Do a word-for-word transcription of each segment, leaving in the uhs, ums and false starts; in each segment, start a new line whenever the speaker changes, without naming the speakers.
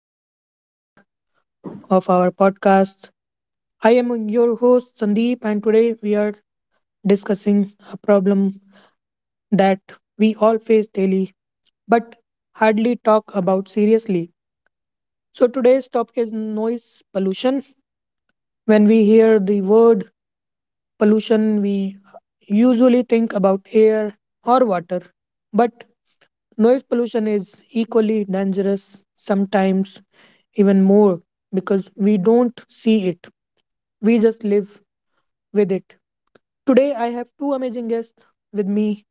another episode of our podcast. I am your host, Sandeep, and today we are discussing a problem that we all face daily but hardly talk about seriously. So, today's topic is noise pollution. When we hear the word pollution, we usually think about air or water, but noise pollution is equally dangerous, sometimes even more, because we don't see it. We just live with it. Today, I have two amazing guests with me.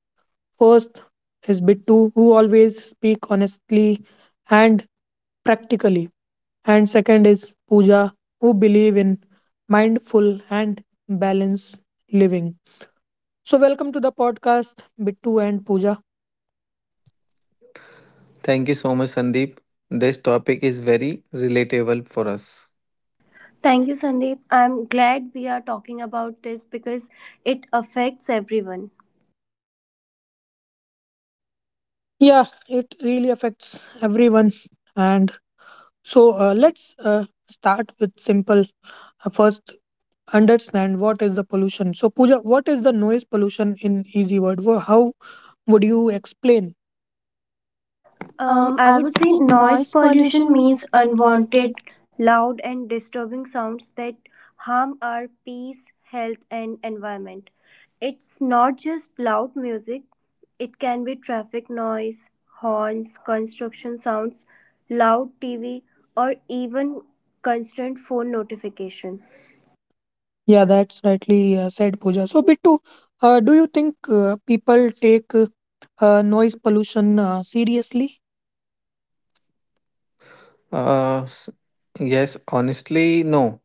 First is Bittu, who always speak honestly and practically. And second is Pooja, who believe in mindful and balanced living. So welcome to the podcast, Bittu and Pooja.
Thank you so much, Sandeep. This topic is very relatable for us.
Thank you, Sandeep. I'm glad we are talking about this because it affects everyone.
Yeah, it really affects everyone. And so uh, let's uh, start with simple. Uh, First, understand what is the pollution. So, Pooja, what is the noise pollution in easy word? Wha- How would you explain? Um,
Um, I
I would
would say
say noise
noise
pollution
pollution
means
means
unwanted.
unwanted, loud, and disturbing sounds that harm our peace, health, and environment. It's not just loud music, it can be traffic noise, horns, construction sounds, loud T V, or even constant phone notification.
Yeah, that's rightly uh, said, Pooja. So, Bittu, uh, do you think uh, people take uh, uh, noise pollution uh, seriously?
Uh, s- yes, honestly, no.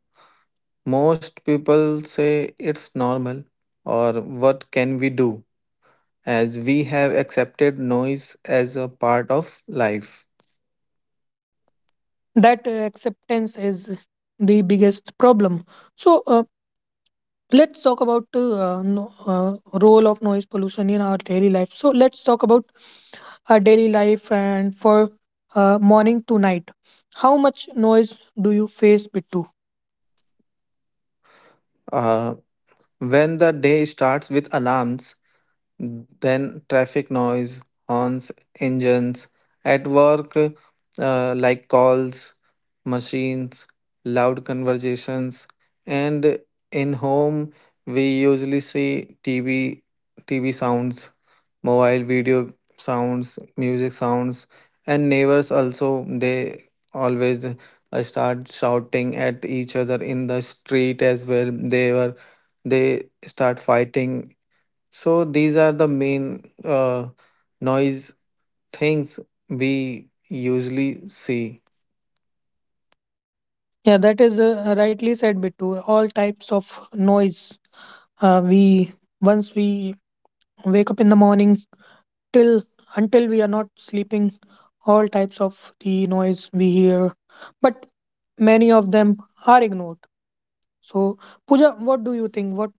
Most people say it's normal, or what can we do, as we have accepted noise as a part of life.
That uh, acceptance is the biggest problem. So, uh, let's talk about uh, no, uh, role of noise pollution in our daily life. So, let's talk about our daily life and for uh, morning to night. How much noise do you face, Bittu?
Uh, when the day starts with alarms, then traffic noise, horns, engines, at work, uh, like calls, machines, loud conversations, and in home, we usually see T V, T V sounds, mobile video sounds, music sounds, and neighbors also, they always uh, start shouting at each other in the street as well. They were they start fighting, so these are the main uh, noise things we usually see.
Yeah, that is uh, rightly said, Bittu. All types of noise. Uh, we once we wake up in the morning till until we are not sleeping, all types of the noise we hear, but many of them are ignored. So, Pooja, what do you think? What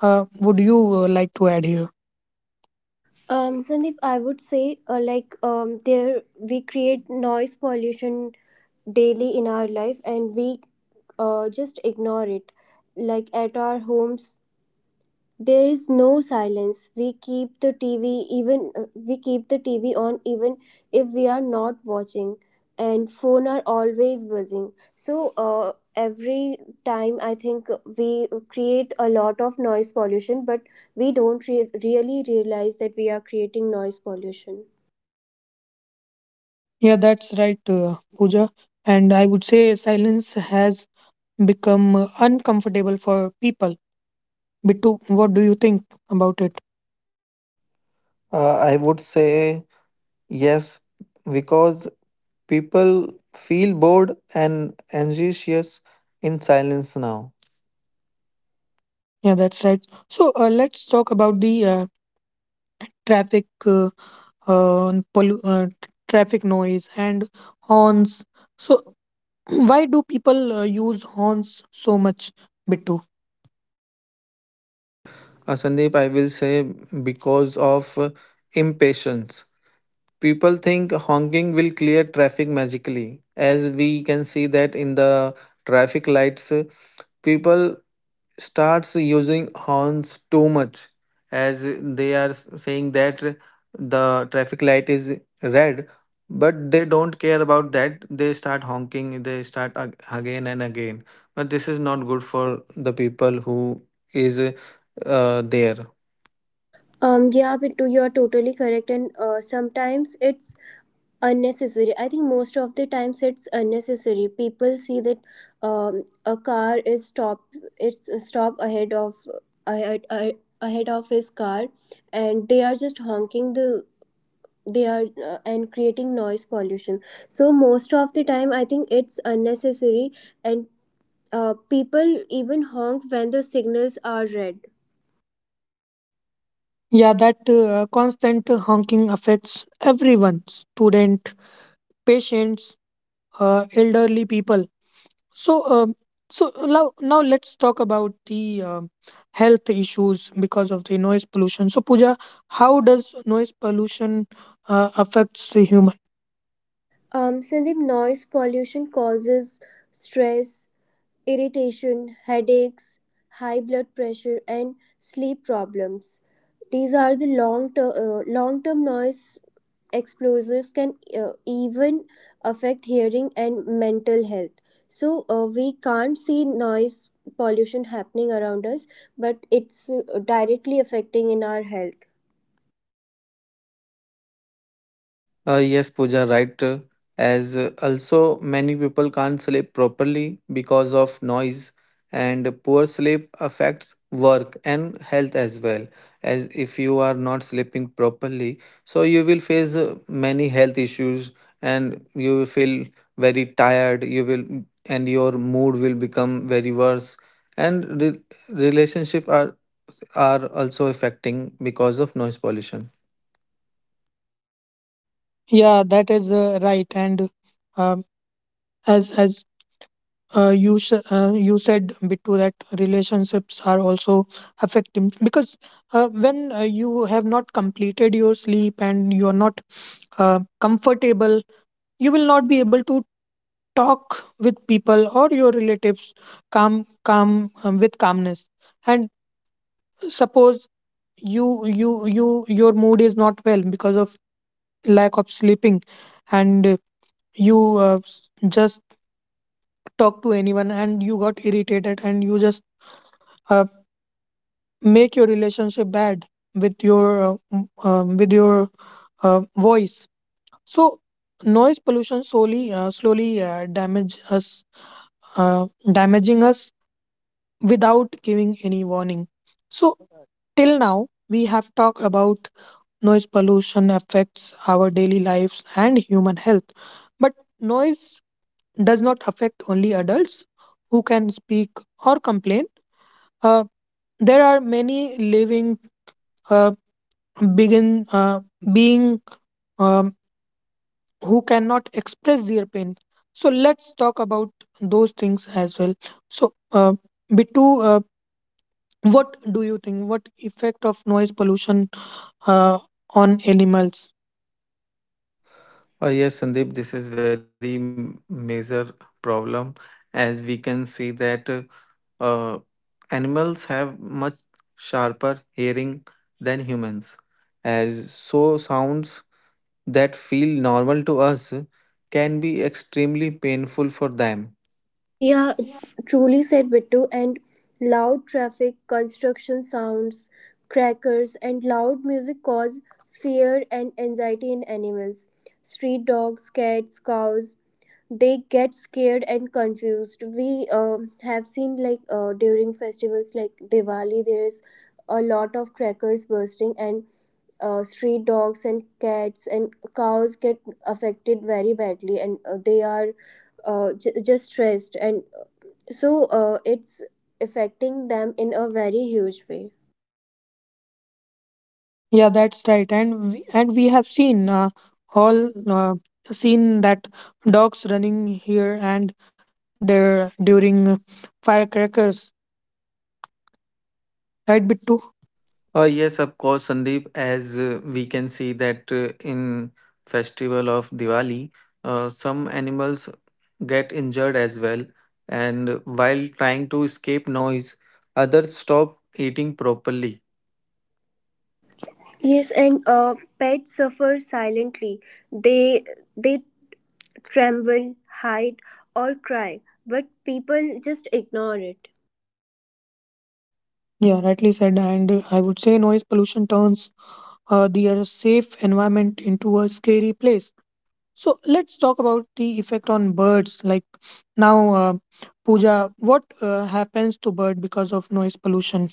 uh, would you uh, like to add here?
Um, Sandeep, I would say uh, like um, there we create noise pollution daily in our life and we uh, just ignore it. Like at our homes, there is no silence. We keep the tv even uh, we keep the TV on even if we are not watching, and phone are always buzzing. So uh, every time I think we create a lot of noise pollution, but we don't re- really realize that we are creating noise pollution.
Yeah, that's right, uh, Pooja. And I would say silence has become uh, uncomfortable for people. Bittu, what do you think about it?
Uh, I would say yes, because people feel bored and anxious in silence now.
Yeah, that's right. So uh, let's talk about the uh, traffic, uh, uh, pollu- uh, traffic noise and horns. So why do people uh, use horns so much, Bittu?
Uh, Sandeep, I will say because of uh, impatience. People think honking will clear traffic magically, as we can see that in the traffic lights. Uh, people starts using horns too much as they are s- saying that the traffic light is red, but they don't care about that. They start honking, they start ag- again and again, but this is not good for the people who is uh, there.
Um, yeah, but to- you're totally correct, and uh, sometimes it's unnecessary. I think most of the times it's unnecessary. People see that um, a car is stop, it's a stop ahead of ahead, ahead of his car, and they are just honking the they are uh, and creating noise pollution. So most of the time, I think it's unnecessary, and uh, people even honk when the signals are red.
Yeah, that uh, constant honking affects everyone, student, patients, uh, elderly people. So, um, so now, now let's talk about the um, health issues because of the noise pollution. So, Pooja, how does noise pollution uh, affects the human?
Um, Sandeep, noise pollution causes stress, irritation, headaches, high blood pressure, and sleep problems. These are the long term uh, long term noise exposures can uh, even affect hearing and mental health. So uh, we can't see noise pollution happening around us, but it's uh, directly affecting in our health.
Uh, yes, Pooja, right. uh, As uh, Also, many people can't sleep properly because of noise, and poor sleep affects work and health as well. As if you are not sleeping properly, so you will face uh, many health issues, and you will feel very tired. You will, and your mood will become very worse. And re- relationship are are also affecting because of noise pollution.
Yeah, that is uh, right. And um, as as uh, you sh- uh, you said, Bittu, that relationships are also affected because uh, when uh, you have not completed your sleep and you are not uh, comfortable, you will not be able to talk with people or your relatives calm calm um, with calmness and suppose you you you your mood is not well because of lack of sleeping and uh, you uh, s- just talk to anyone and you got irritated and you just uh, make your relationship bad with your uh, m- um, with your uh, voice. So noise pollution slowly uh, slowly uh, damage us uh, damaging us without giving any warning. So, till now, we have talked about noise pollution affects our daily lives and human health. But noise does not affect only adults who can speak or complain. Uh, there are many living uh, begin uh, being um, who cannot express their pain. So let's talk about those things as well. So, uh, Bittu, uh, what do you think? What effect of noise pollution uh, on animals.
Uh, yes, Sandeep, this is very m- major problem, as we can see that uh, uh, animals have much sharper hearing than humans. As so, sounds that feel normal to us can be extremely painful for them.
Yeah, truly said, Bittu. And loud traffic, construction sounds, crackers, and loud music cause fear and anxiety in animals. Street dogs, cats, cows, they get scared and confused. We uh, have seen, like, uh, during festivals like Diwali, there's a lot of crackers bursting, and uh, street dogs and cats and cows get affected very badly, and uh, they are uh, j- just stressed, and so uh, it's affecting them in a very huge way.
Yeah, that's right. And we, and we have seen uh, all uh, seen that dogs running here and there during firecrackers, right, Bittu?
Uh, yes, of course, Sandeep. As uh, we can see that uh, in festival of Diwali, uh, some animals get injured as well, and while trying to escape noise, others stop eating properly.
Yes, and uh, pets suffer silently. They they tremble, hide, or cry, but people just ignore it.
Yeah, rightly said. And uh, I would say noise pollution turns uh, their safe environment into a scary place. So let's talk about the effect on birds. Like now, uh, Pooja, what uh, happens to bird because of noise pollution?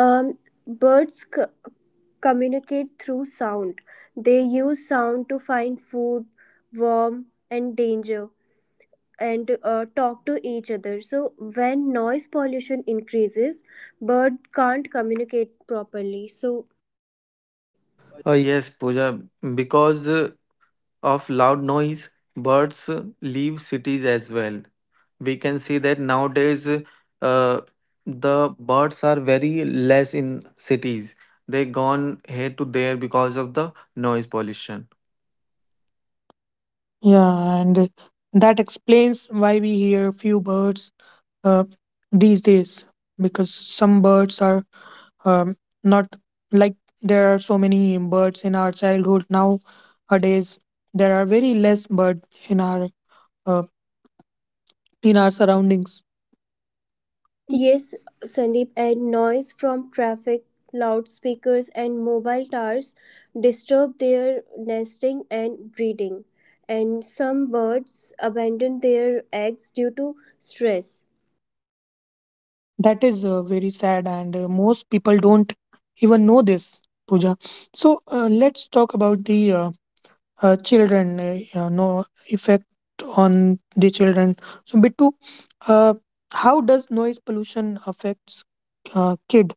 Um, Birds c- communicate through sound. They use sound to find food, warmth, and danger, and uh, talk to each other. So when noise pollution increases, bird can't communicate properly. So
Uh, yes, Pooja, because uh, of loud noise, birds uh, leave cities as well. We can see that nowadays uh, the birds are very less in cities. They gone here to there because of the noise pollution.
Yeah, and that explains why we hear few birds uh, these days because some birds are um, not like there are so many birds in our childhood nowadays. There are very less birds in our uh, in our surroundings.
yes, Sandeep, and noise from traffic, loudspeakers, and mobile towers disturb their nesting and breeding, and some birds abandon their eggs due to stress.
That is uh, very sad, and uh, most people don't even know this, Pooja. So uh, let's talk about the uh, uh, children, uh, you know, effect on the children. So, Bittu, uh, how does noise pollution affects uh, kid?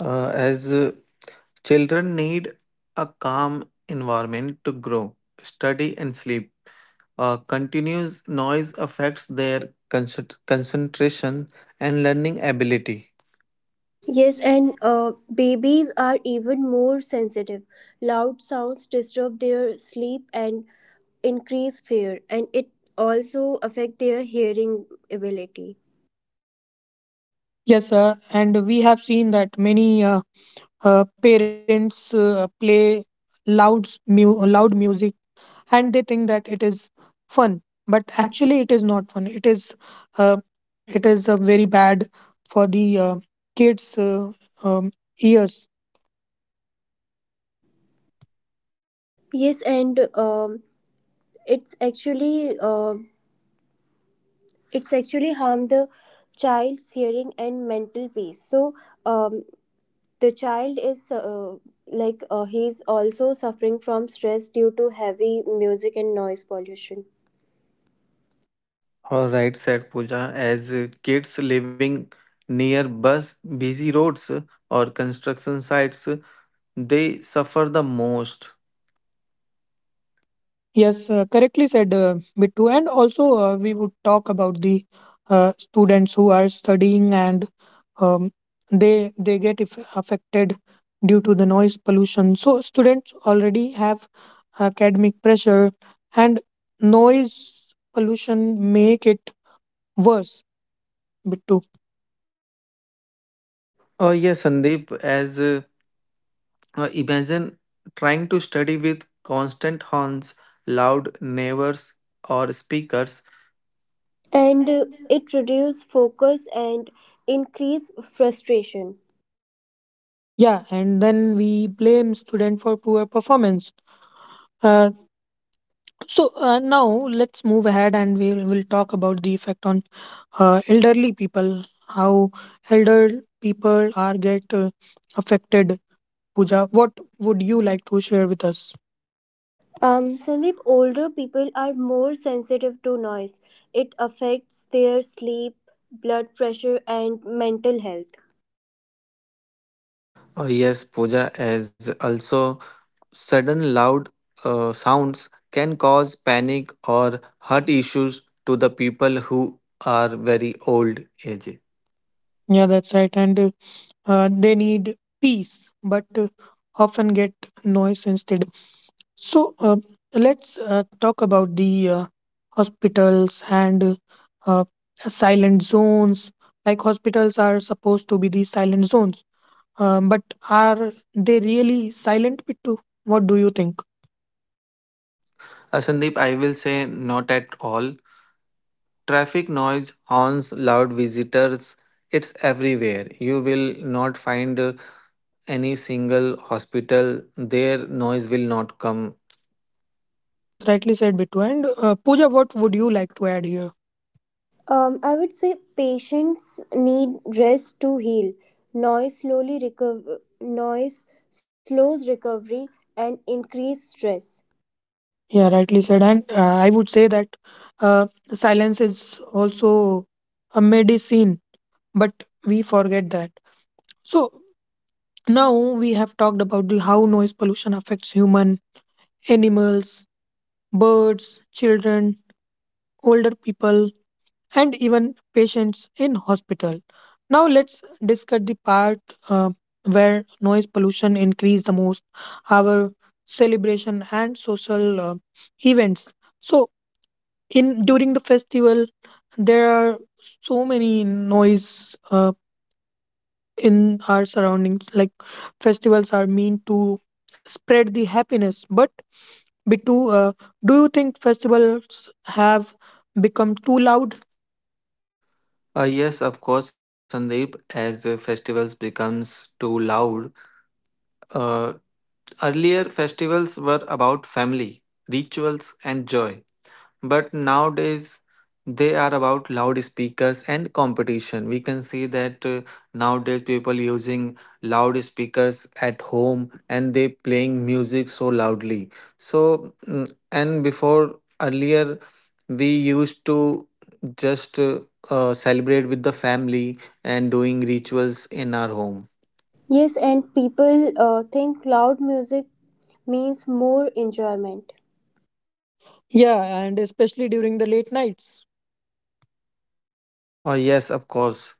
Uh, as uh, Children need a calm environment to grow, study and sleep. Uh, continuous noise affects their concent- concentration and learning ability.
Yes, and uh, babies are even more sensitive. Loud sounds disturb their sleep and increase fear, and it also affect their hearing ability.
Yes, sir. And we have seen that many uh, uh, parents uh, play loud mu- loud music, and they think that it is fun, but actually it is not fun. It is uh, it is uh, very bad for the uh, kids' uh, um, ears.
Yes, and um, it's actually. Uh, it's actually harm the child's hearing and mental peace. So um, the child is uh, like uh, he's also suffering from stress due to heavy music and noise pollution,
All right, said Pooja. As uh, kids living near bus busy roads uh, or construction sites, uh, they suffer the most.
Yes, uh, correctly said, uh, Bittu. And also, uh, we would talk about the uh, students who are studying and um, they they get if affected due to the noise pollution. So students already have academic pressure, and noise pollution make it worse, Bittu.
Oh yes, Sandeep. As uh, uh, imagine trying to study with constant horns, loud neighbors or speakers.
and uh, it reduces focus and increase frustration.
Yeah, and then we blame student for poor performance. Uh, So uh, now let's move ahead and we'll we'll talk about the effect on uh, elderly people, how elder people are get uh, affected. Pooja, what would you like to share with us?
um, Sandeep, older people are more sensitive to noise. It affects their sleep, blood pressure, and mental health.
Oh yes, Pooja. As also sudden loud uh, sounds can cause panic or heart issues to the people who are very old age.
Yeah, that's right. And uh, uh, they need peace, but uh, often get noise instead. So uh, let's uh, talk about the uh, hospitals and uh, silent zones. Like hospitals are supposed to be the silent zones. Um, but are they really silent, Bittu? What do you think?
Uh, Sandeep, I will say not at all. Traffic noise, horns, loud visitors, it's everywhere. You will not find uh, any single hospital, their noise will not come.
Yes, rightly said, Bittu. And uh, Pooja, what would you like to add here?
Um, I would say patients need rest to heal. Noise slowly recover, noise slows recovery and increase stress.
Yeah, rightly said. And uh, I would say that uh, silence is also a medicine, but we forget that. So now we have talked about the how noise pollution affects human, animals, birds, children, older people, and even patients in hospital. Now let's discuss the part uh, where noise pollution increase the most, our celebration and social uh, events. So in during the festival, there are so many noise uh, in our surroundings. Like festivals are meant to spread the happiness, but Bittu, uh, do you think festivals have become too loud?
Uh, yes, of course, Sandeep, as the festivals becomes too loud. Uh, Earlier, festivals were about family, rituals, and joy. But nowadays, they are about loudspeakers and competition. We can see that uh, nowadays people using loudspeakers at home and they playing music so loudly. So, mm, and before, earlier, we used to just uh, uh, celebrate with the family and doing rituals in our home.
Yes, and people uh, think loud music means more enjoyment,
Yeah, and especially during the late nights.
Oh, yes, of course.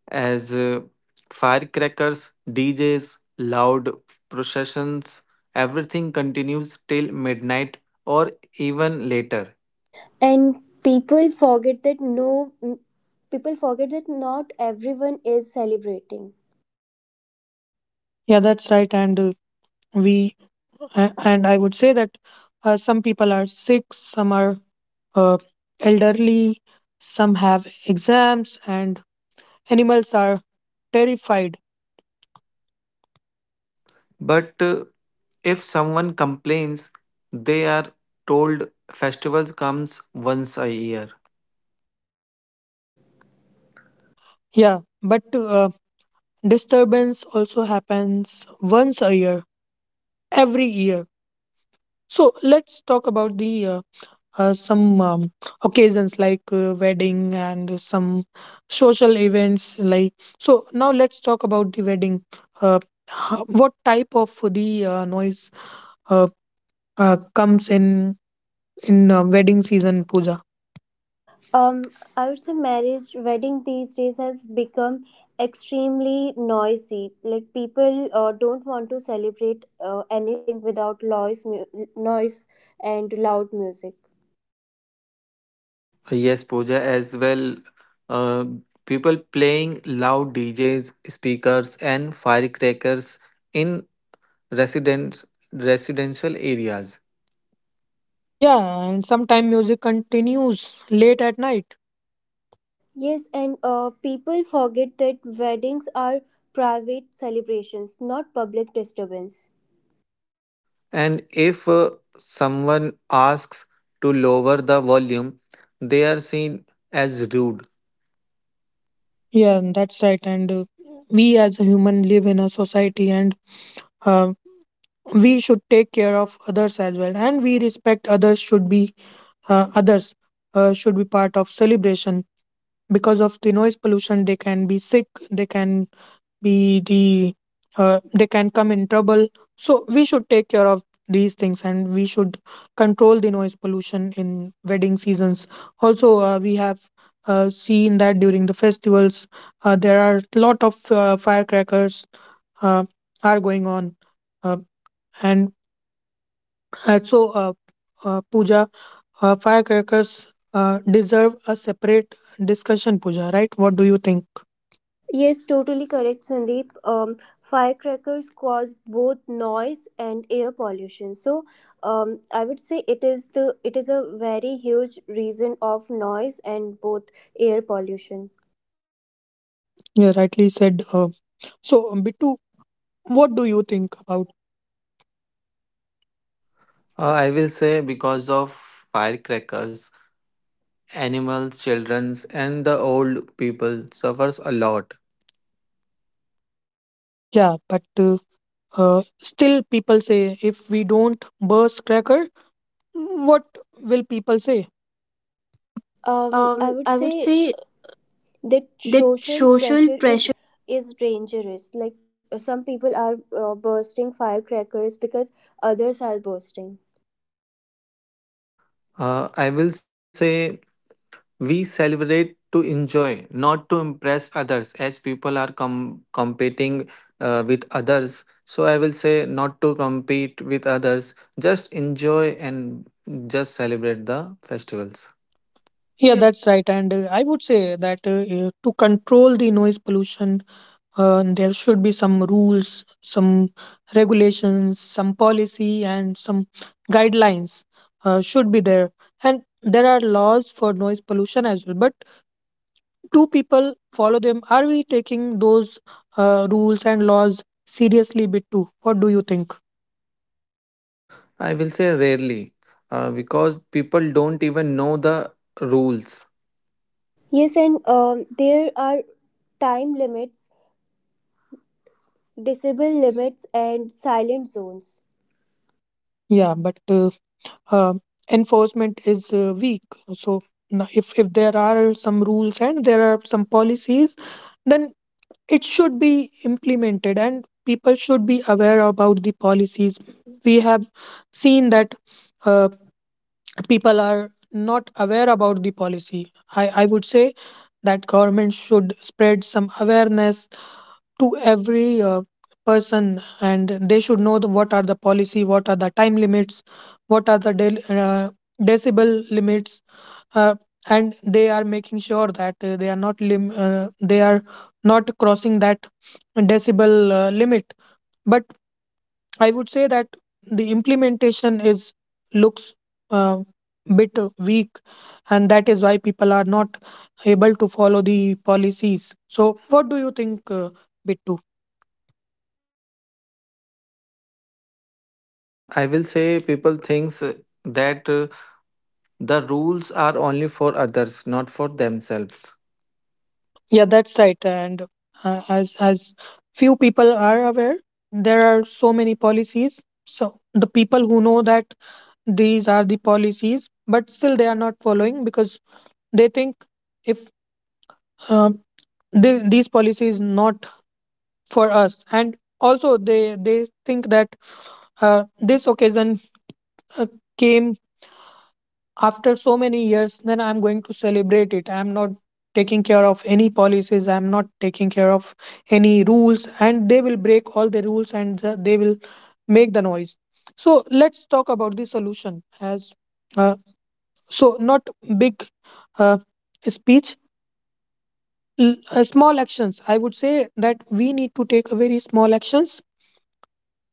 As uh, firecrackers, D Js, loud processions, everything continues till midnight or even later.
and people forget that no, people forget that not everyone is celebrating.
Yeah, that's right. And uh, we a- and I would say that uh, some people are sick, some are uh, elderly, some have exams, and animals are terrified.
But uh, if someone complains, they are told festivals comes once a year.
Yeah, but uh, disturbance also happens once a year, every year. So let's talk about the uh, uh, some um, occasions like uh, wedding and some social events like so now let's talk about the wedding uh, ho- what type of the uh, noise uh, uh, comes in in uh, wedding season, puja.
Um, I would say marriage wedding these days has become extremely noisy. Like people uh, don't want to celebrate uh, anything without noise, mu- noise and loud music.
Yes, Pooja, as well. Uh, People playing loud D Js, speakers, and firecrackers in residence residential areas.
Yeah, and sometime music continues late at night.
Yes, and uh, people forget that weddings are private celebrations, not public disturbance.
And if uh, someone asks to lower the volume, they are seen as rude.
Yeah, and that's right. And uh, we as a human live in a society, and uh, we should take care of others as well, and we respect others should be uh, others uh, should be part of celebration, because of the noise pollution they can be sick, they can be the uh, they can come in trouble. So we should take care of these things, and we should control the noise pollution in wedding seasons. Also uh, we have uh, seen that during the festivals uh, there are a lot of uh, firecrackers uh, are going on, uh, and uh, so uh, uh, puja, uh, firecrackers uh, deserve a separate discussion, Pooja, right? What do you think?
Yes, totally correct, Sandeep. Um, firecrackers cause both noise and air pollution. So, um, I would say it is the it is a very huge reason of noise and both air pollution.
Yeah, rightly said. Uh, so, um, Bittu, what do you think about?
Uh, I will say because of firecrackers, animals, childrens, and the old people suffers a lot.
Yeah, but uh, uh, still, people say if we don't burst cracker, what will people say?
Um, I would say that social pressure is is dangerous. Like uh, some people are uh, bursting firecrackers because others are bursting.
Uh, I will say we celebrate to enjoy, not to impress others, as people are com- competing uh, with others. So I will say not to compete with others, just enjoy and just celebrate the festivals.
Yeah, that's right. And uh, I would say that uh, uh, to control the noise pollution, Uh, there should be some rules, some regulations, some policy, and some guidelines uh, should be there. And there are laws for noise pollution as well. But do people follow them? Are we taking those uh, rules and laws seriously, a bit too? What do you think?
I will say rarely uh, because people don't even know the rules.
Yes, and um, there are time limits, disable limits, and silent zones.
Yeah, but uh, uh, enforcement is uh, weak. So now if if there are some rules and there are some policies, then it should be implemented and people should be aware about the policies we have seen that uh, people are not aware about the policy. I i would say that government should spread some awareness to every uh, person, and they should know the, what are the policy, what are the time limits, what are the del uh, decibel limits, uh, and they are making sure that uh, they are not lim- uh, they are not crossing that decibel uh, limit. But I would say that the implementation is looks uh, bit uh, weak, and that is why people are not able to follow the policies. So what do you think, uh, Bittu?
Uh, I will say people thinks that uh, the rules are only for others, not for themselves.
Yeah, that's right. And uh, as as few people are aware, there are so many policies. So the people who know that these are the policies, but still they are not following because they think if uh, th- these policies not for us. And also they they think that uh, this occasion uh, came after so many years, then I'm going to celebrate it. I'm not taking care of any policies, I'm not taking care of any rules, and they will break all the rules, and uh, they will make the noise. So let's talk about the solution. As uh, so not big uh, speech, l- uh, small actions, I would say that we need to take a very small actions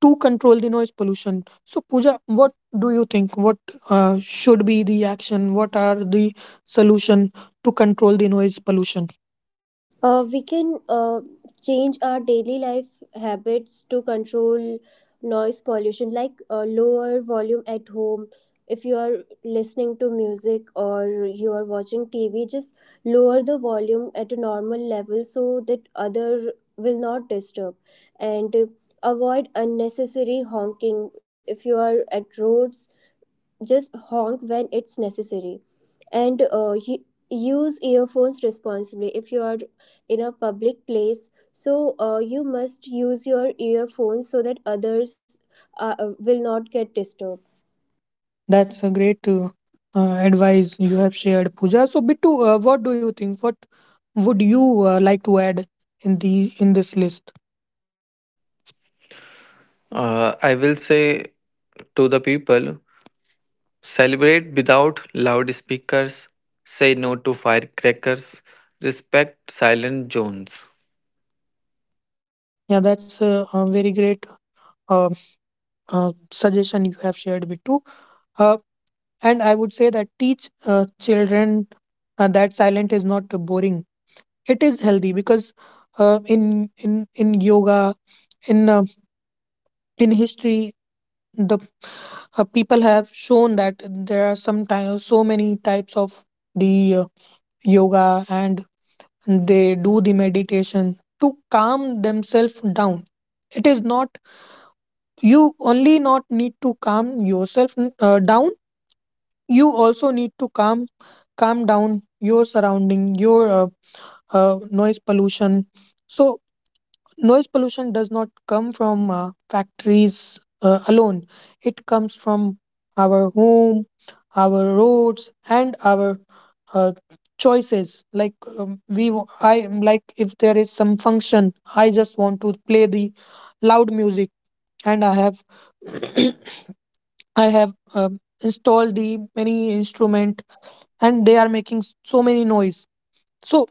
to control the noise pollution. So Pooja, what do you think, what uh, should be the action, what are the solution to control the noise pollution?
Uh, we can uh, change our daily life habits to control noise pollution, like uh, lower volume at home. If you are listening to music or you are watching T V, just lower the volume at a normal level so that other will not disturb. And uh, avoid unnecessary honking. If you are at roads, just honk when it's necessary, and uh, u- use earphones responsibly. If you are in a public place, so uh, you must use your earphones so that others uh, will not get disturbed.
That's a great uh, uh, advice you have shared, Pooja. So Bittu, uh, what do you think, what would
Uh, I will say to the people, celebrate without loudspeakers, say no to firecrackers, respect silent zones.
you uh, suggestion you have shared, Bittu. Uh, and I would say that teach uh, children uh, that silent is not boring. It is healthy because uh, in in in yoga, in uh, in history, the uh, people have shown that there are some ty- so many types of the uh, yoga, and they do the meditation to calm themselves down. It is not you only not need to calm yourself uh, down, you also need to calm calm down your surrounding, your uh, uh, noise pollution. So noise pollution does not come from uh, factories uh, alone, it comes from our home, our roads, and our uh, choices. Like um, we, w- I am like, if there is some function, I just want to play the loud music. And I have I have um installed the many instrument, and they are making s- so many noise. So,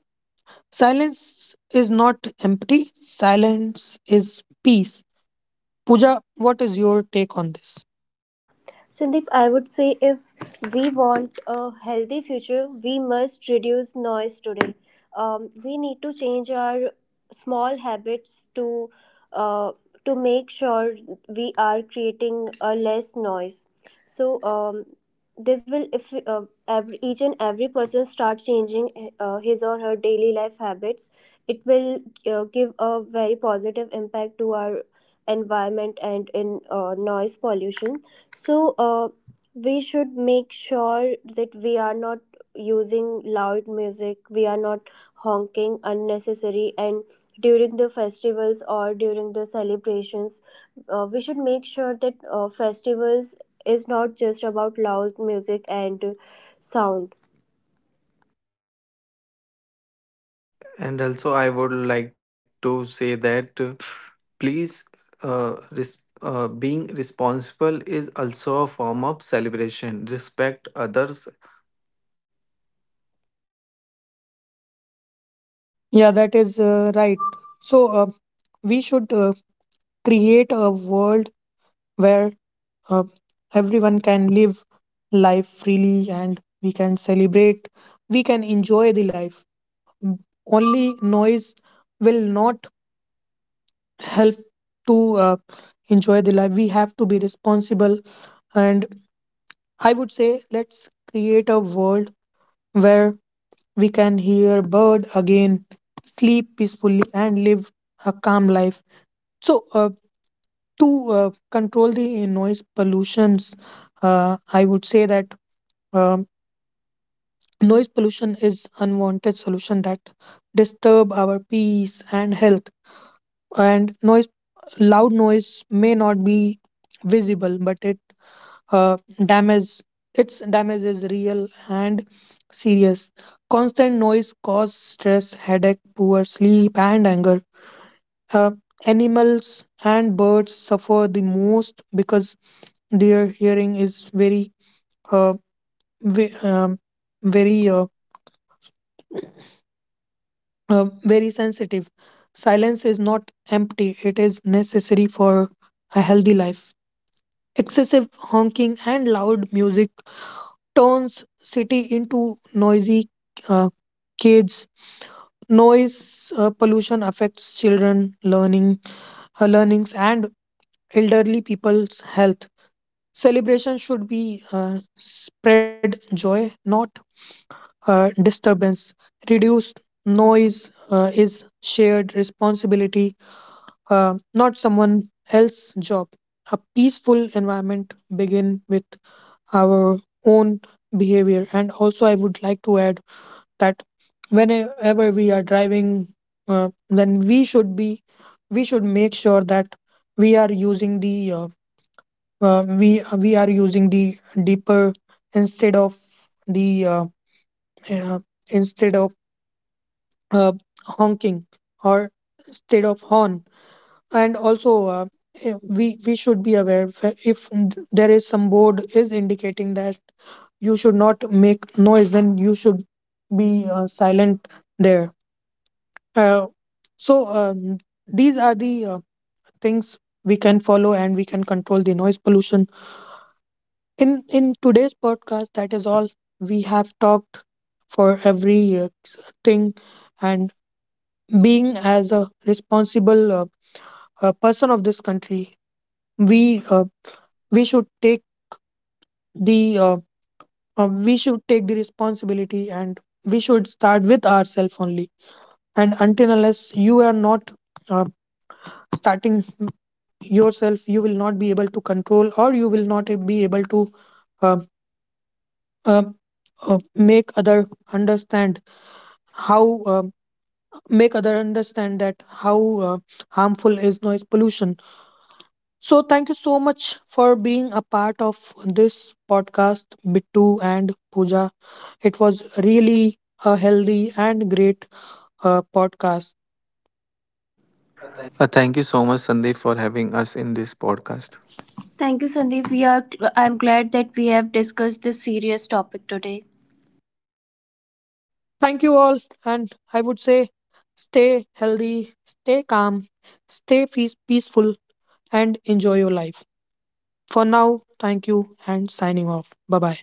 silence is not empty, silence is peace. Pooja, what is your take on this?
Sandeep, I would say if we want a healthy future, we must reduce noise today. Um, we need to change our small habits to uh, to make sure we are creating a less noise. So um, this will, if uh, every, each and every person start changing uh, his or her daily life habits, it will uh, give a very positive impact to our environment and in uh, noise pollution. So, uh, we should make sure that we are not using loud music, we are not honking unnecessary, and during the festivals or during the celebrations, uh, we should make sure that uh, festivals is not just about loud music and sound.
And also, I would like to say that uh, please, uh, res- uh, being responsible is also a form of celebration. Respect others.
Yeah, that is uh, right. So, uh, we should uh, create a world where uh, everyone can live life freely, and we can celebrate, we can enjoy the life. Only noise will not help to uh, enjoy the life. We have to be responsible, and I would say let's create a world where we can hear bird again, sleep peacefully, and live a calm life. So, uh, to uh, control the noise pollutions, uh, I would say that um, noise pollution is unwanted solution that disturb our peace and health. And noise, loud noise may not be visible, but it uh, damage its damage is real and serious. Constant noise causes stress, headache, poor sleep, and anger. uh, Animals and birds suffer the most because their hearing is very uh, ve- um, very uh, uh, very sensitive. Silence is not empty, it is necessary for a healthy life. Excessive honking and loud music turns city into noisy uh, cages. Noise uh, pollution affects children, learning, uh, learnings, and elderly people's health. Celebration should be uh, spread joy, not uh, disturbance. Reduce noise uh, is shared responsibility, uh, not someone else's job. A peaceful environment begin with our own behavior. And also, I would like to add that whenever we are driving, uh, then we should be we should make sure that we are using the uh, uh, we we are using the deeper instead of the uh, uh, instead of uh, honking, or instead of horn. And also uh, eh, we we should be aware, if if there is some board is indicating that you should not make noise, then you should be uh, silent there. Uh, so um, these are the uh, things we can follow, and we can control the noise pollution. In in today's podcast, that is all we have talked for every uh, thing. And being as a responsible uh, uh, person of this country, we uh, we should take the uh, uh, we should take the responsibility, and we should start with ourselves only. And until unless you are not uh, starting yourself, you will not be able to control, or you will not be able to uh, uh, uh, make other understand how um make other understand that how uh, harmful is noise pollution. So thank you so much for being a part of this podcast, Bittu and Pooja. It was really a healthy and great uh, podcast.
Uh, thank you so much, Sandeep, for having us in this podcast.
Thank you, Sandeep. We are. I'm glad that we have discussed this serious topic today.
Thank you all, and I would say stay healthy, stay calm, stay peace- peaceful, and enjoy your life. For now, thank you and signing off. Bye bye.